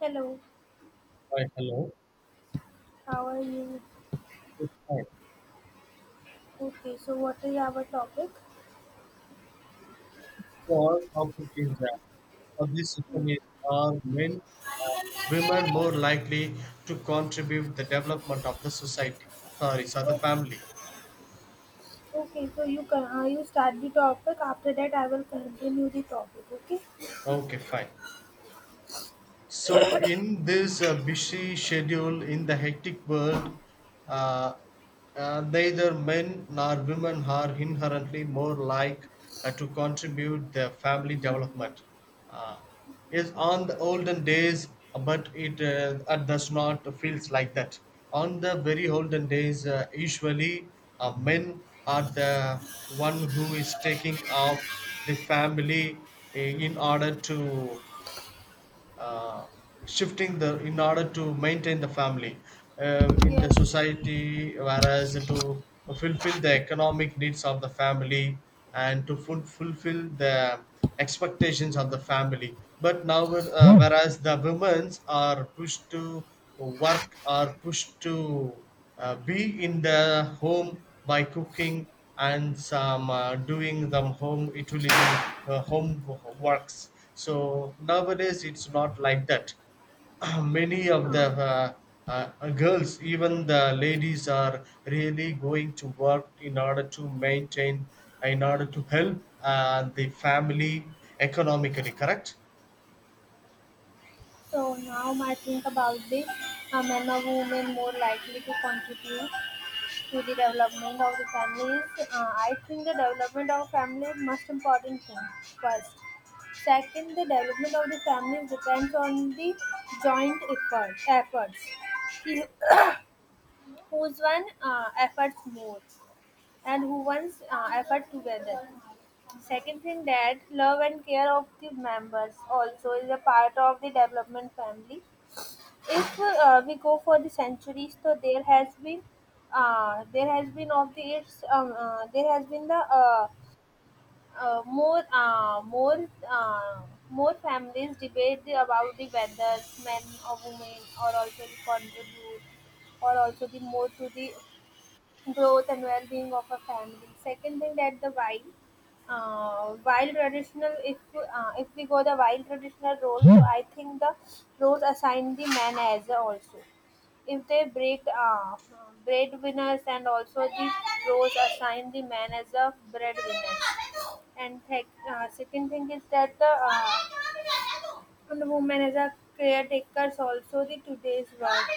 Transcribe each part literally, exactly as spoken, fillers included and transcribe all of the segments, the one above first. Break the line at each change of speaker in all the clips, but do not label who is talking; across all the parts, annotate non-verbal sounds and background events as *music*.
Hello,
Right, hello.
how are you?
It's fine.
Okay, so what is our topic?
So our topic is uh, for this session
Mm.
is are men uh, women more likely to contribute the development of the society? Sorry, so the
O-
family.
Okay, so you can uh, you start the topic. After that, I will continue the topic. Okay.
Okay, fine. So, in this uh, busy schedule, in the hectic world, uh, uh, neither men nor women are inherently more like uh, to contribute their family development. Uh, is on the olden days, but it uh, uh, does not feels like that. On the very olden days, uh, usually uh, men are the one who is taking of the family uh, in order to uh, shifting the in order to maintain the family uh, in the
Yes.
society whereas to fulfill the economic needs of the family and to ful- fulfill the expectations of the family but now uh, whereas the women's are pushed to work are pushed to uh, be in the home by cooking and some uh, doing the home utility uh, home works so nowadays it's not like that *clears throat* many of the
Uh,
uh, uh, girls even the ladies are really going to work in order to maintain in order to help uh, the family economically correct
so now I think about the uh, men or women more likely to contribute to the development of the families. Uh, I think the development of family is most important thing first. Second, the development of the families depends on the joint effort, efforts. Who's one uh, efforts more and who one's uh, effort together. Second thing, that love and care of the members also is a part of the development family. If uh, we go for the centuries, so there has been uh, there has been of the its um, uh, there has been the uh, uh, more uh, more uh, more families debate the- about the whether men or women, or also the contribute, or also the more to the growth and well-being of a family. Second thing, that the wild, uh, wild traditional. If uh, if we go the wild traditional role, so I think the roles assigned the man as a also. If they break uh, breadwinners and also the roles assigned the man as a breadwinner. And th- uh, second thing is that the uh, and women as a caretakers, also the today's work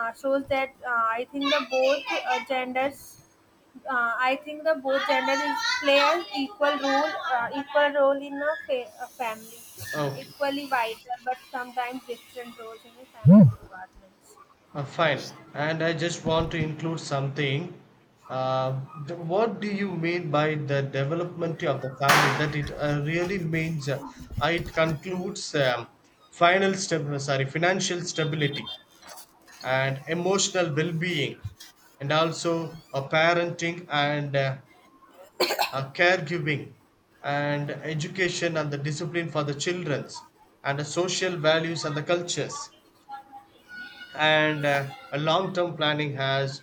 uh, shows that uh, I think the both uh, genders, uh, I think the both gender is play an equal role, uh, equal role in a, fa- a family,
okay.
equally vital but sometimes different roles in the family departments.
Uh, fine. And I just want to include something. Uh, the, what do you mean by the development of the family? That it uh, really means uh, it concludes um, final step, uh, sorry, financial stability and emotional well-being, and also uh, parenting and uh, uh, caregiving, and education and the discipline for the childrens, and the social values and the cultures and uh, a long-term planning has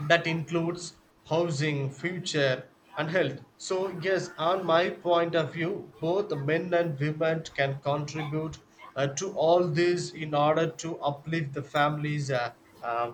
that includes housing, future, and health. So, yes, on my point of view, both men and women can contribute uh, to all this in order to uplift the family's uh, uh,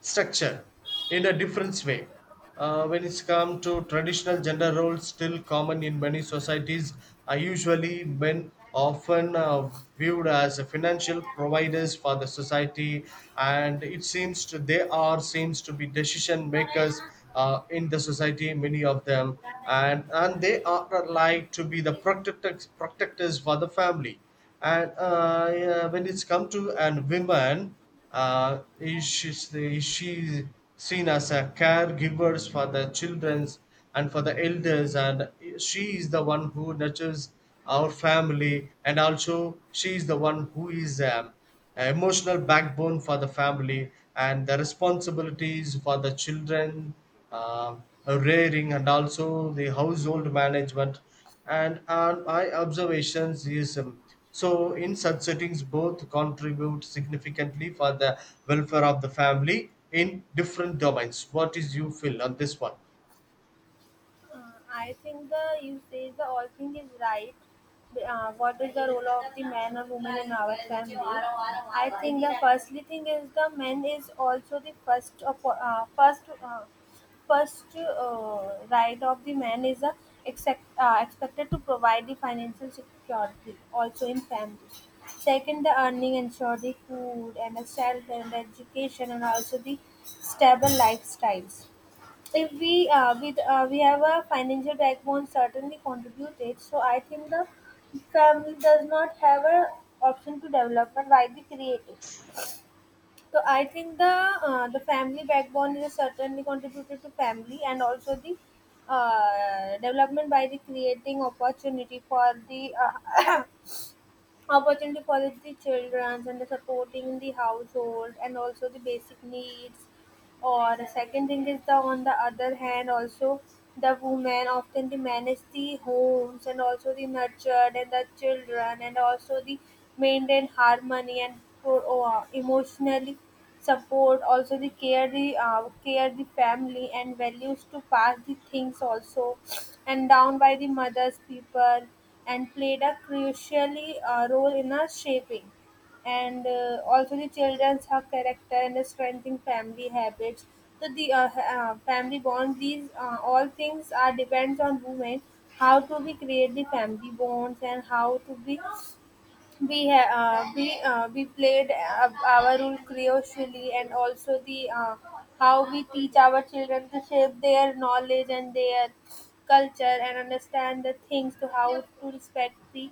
structure in a different way. Uh, when it's come to traditional gender roles still common in many societies are usually men often uh, viewed as financial providers for the society and it seems to they are seems to be decision makers uh, in the society many of them and and they are like to be the protectors protectors for the family and uh, yeah, when it's come to and women uh, is she is she seen as a caregivers for the childrens and for the elders and she is the one who nurtures our family and also she is the one who is um, a emotional backbone for the family and the responsibilities for the children uh, rearing and also the household management and on my observations is um, so in such settings both contribute significantly for the welfare of the family in different domains what is you feel on this one.
Uh, I think the you say the all thing is right. Uh, what is the role of the man or woman in our family? I think the firstly thing is the man is also the first of, uh, first uh, first uh, right of the man is uh, expect, uh, expected to provide the financial security also in family. Second, the earning ensure the food and the shelter and the education and also the stable lifestyles. If we uh, with uh, we have a financial backbone certainly contributed, so I think the family does not have a option to develop and why be creative. So I think the uh, the family backbone is certainly contributed to family, and also the uh, development by the creating opportunity for the uh, *coughs* opportunity for the children and the supporting the household and also the basic needs. Or the second thing is the on the other hand, also the women often they manage the homes and also the nurtured and the children, and also the maintain harmony and pro- uh, emotionally support also the care the uh, care the family, and values to pass the things, also and down by the mothers people, and played a crucially uh, role in a shaping, and uh, also the children's her character and the strengthening family habits. So the uh, ha- uh, family bonds, these uh, all things are depends on women, how to be create the family bonds and how to be we ha- uh, we uh, we played uh, our role crucially, and also the uh, how we teach our children to shape their knowledge and their culture and understand the things, to how to respect the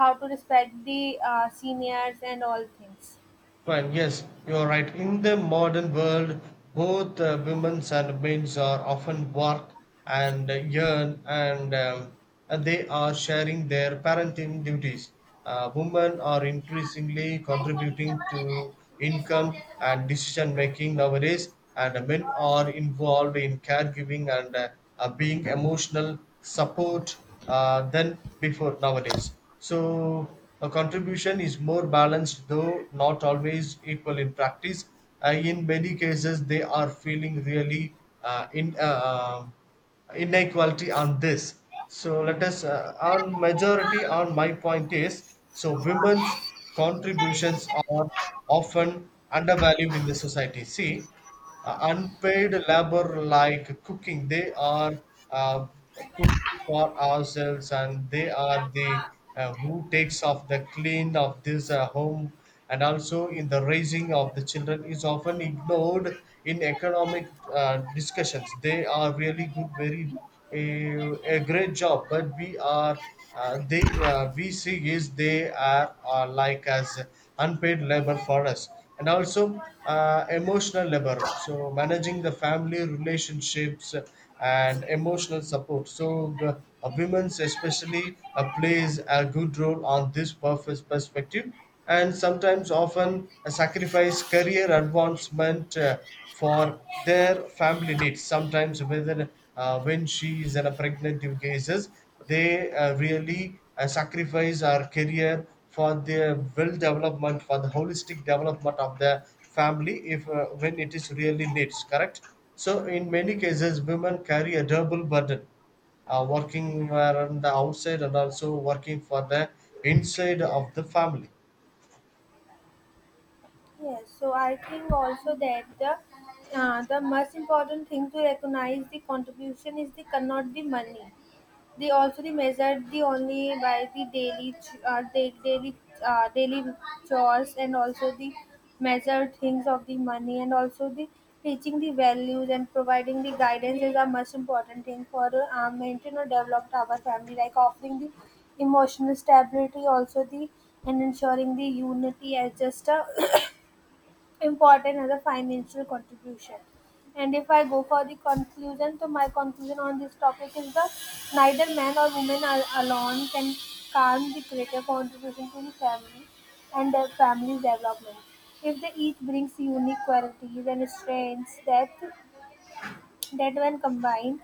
how to respect the uh, seniors and all things.
Fine, yes, you are right. In the modern world, both uh, women's and men's are often work and uh, earn, and, um, and they are sharing their parenting duties. Uh, women are increasingly contributing to income and decision making nowadays, and men are involved in caregiving and uh, uh, being emotional support uh, than before nowadays. So her contribution is more balanced, though not always equal in practice. Uh, in many cases, they are feeling really uh, in uh, uh, inequality on this. So let us uh, on majority on my point is so women's contributions are often undervalued in the society. See, uh, unpaid labor like cooking, they are uh, cooking for ourselves and they are the uh, who takes off the clean of this uh, home and also in the raising of the children is often ignored in economic uh, discussions they are really good very a, a great job but we are uh, they uh, we see is they are uh, like as unpaid labor for us and also uh, emotional labor so managing the family relationships and emotional support so the uh, women's especially uh, plays a good role on this purpose perspective and sometimes often sacrifice career advancement uh, for their family needs. Sometimes, whether uh, when she is in a pregnant cases, they uh, really uh, sacrifice our career for their well development, for the holistic development of the family, if uh, when it is really needs. Correct. So, in many cases, women carry a double burden uh, working around the outside and also working for the inside of the family.
Yes, so I think also that the uh, the most important thing to recognize the contribution is the not the money. They also they measure the only by the daily ch- uh, da- daily uh, daily chores, and also the measure things of the money, and also the teaching the values and providing the guidance is a most important thing for uh, maintain or develop our family, like offering the emotional stability also the and ensuring the unity, as just a *clears throat* important as a financial contribution. And if I go for the conclusion, so my conclusion on this topic is that neither man or woman al- alone can calm the greater contribution to the family and their family's development. If they each brings unique qualities and strengths, that that when combined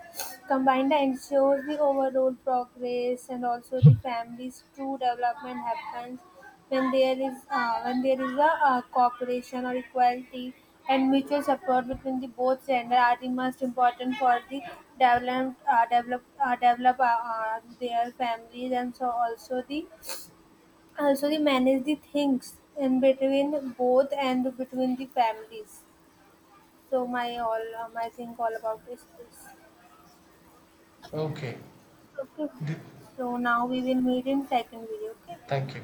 combined ensures the overall progress, and also the family's true development happens when there is uh, when there is a uh, cooperation or equality, and mutual support between the both gender are the most important for the develop uh, develop uh, develop uh, uh, their families. And so also the also they manage the things in between both and between the families. So my all uh, my think all about this is.
Okay.
Okay.
Th-
So now we will meet in second video. Okay.
Thank you.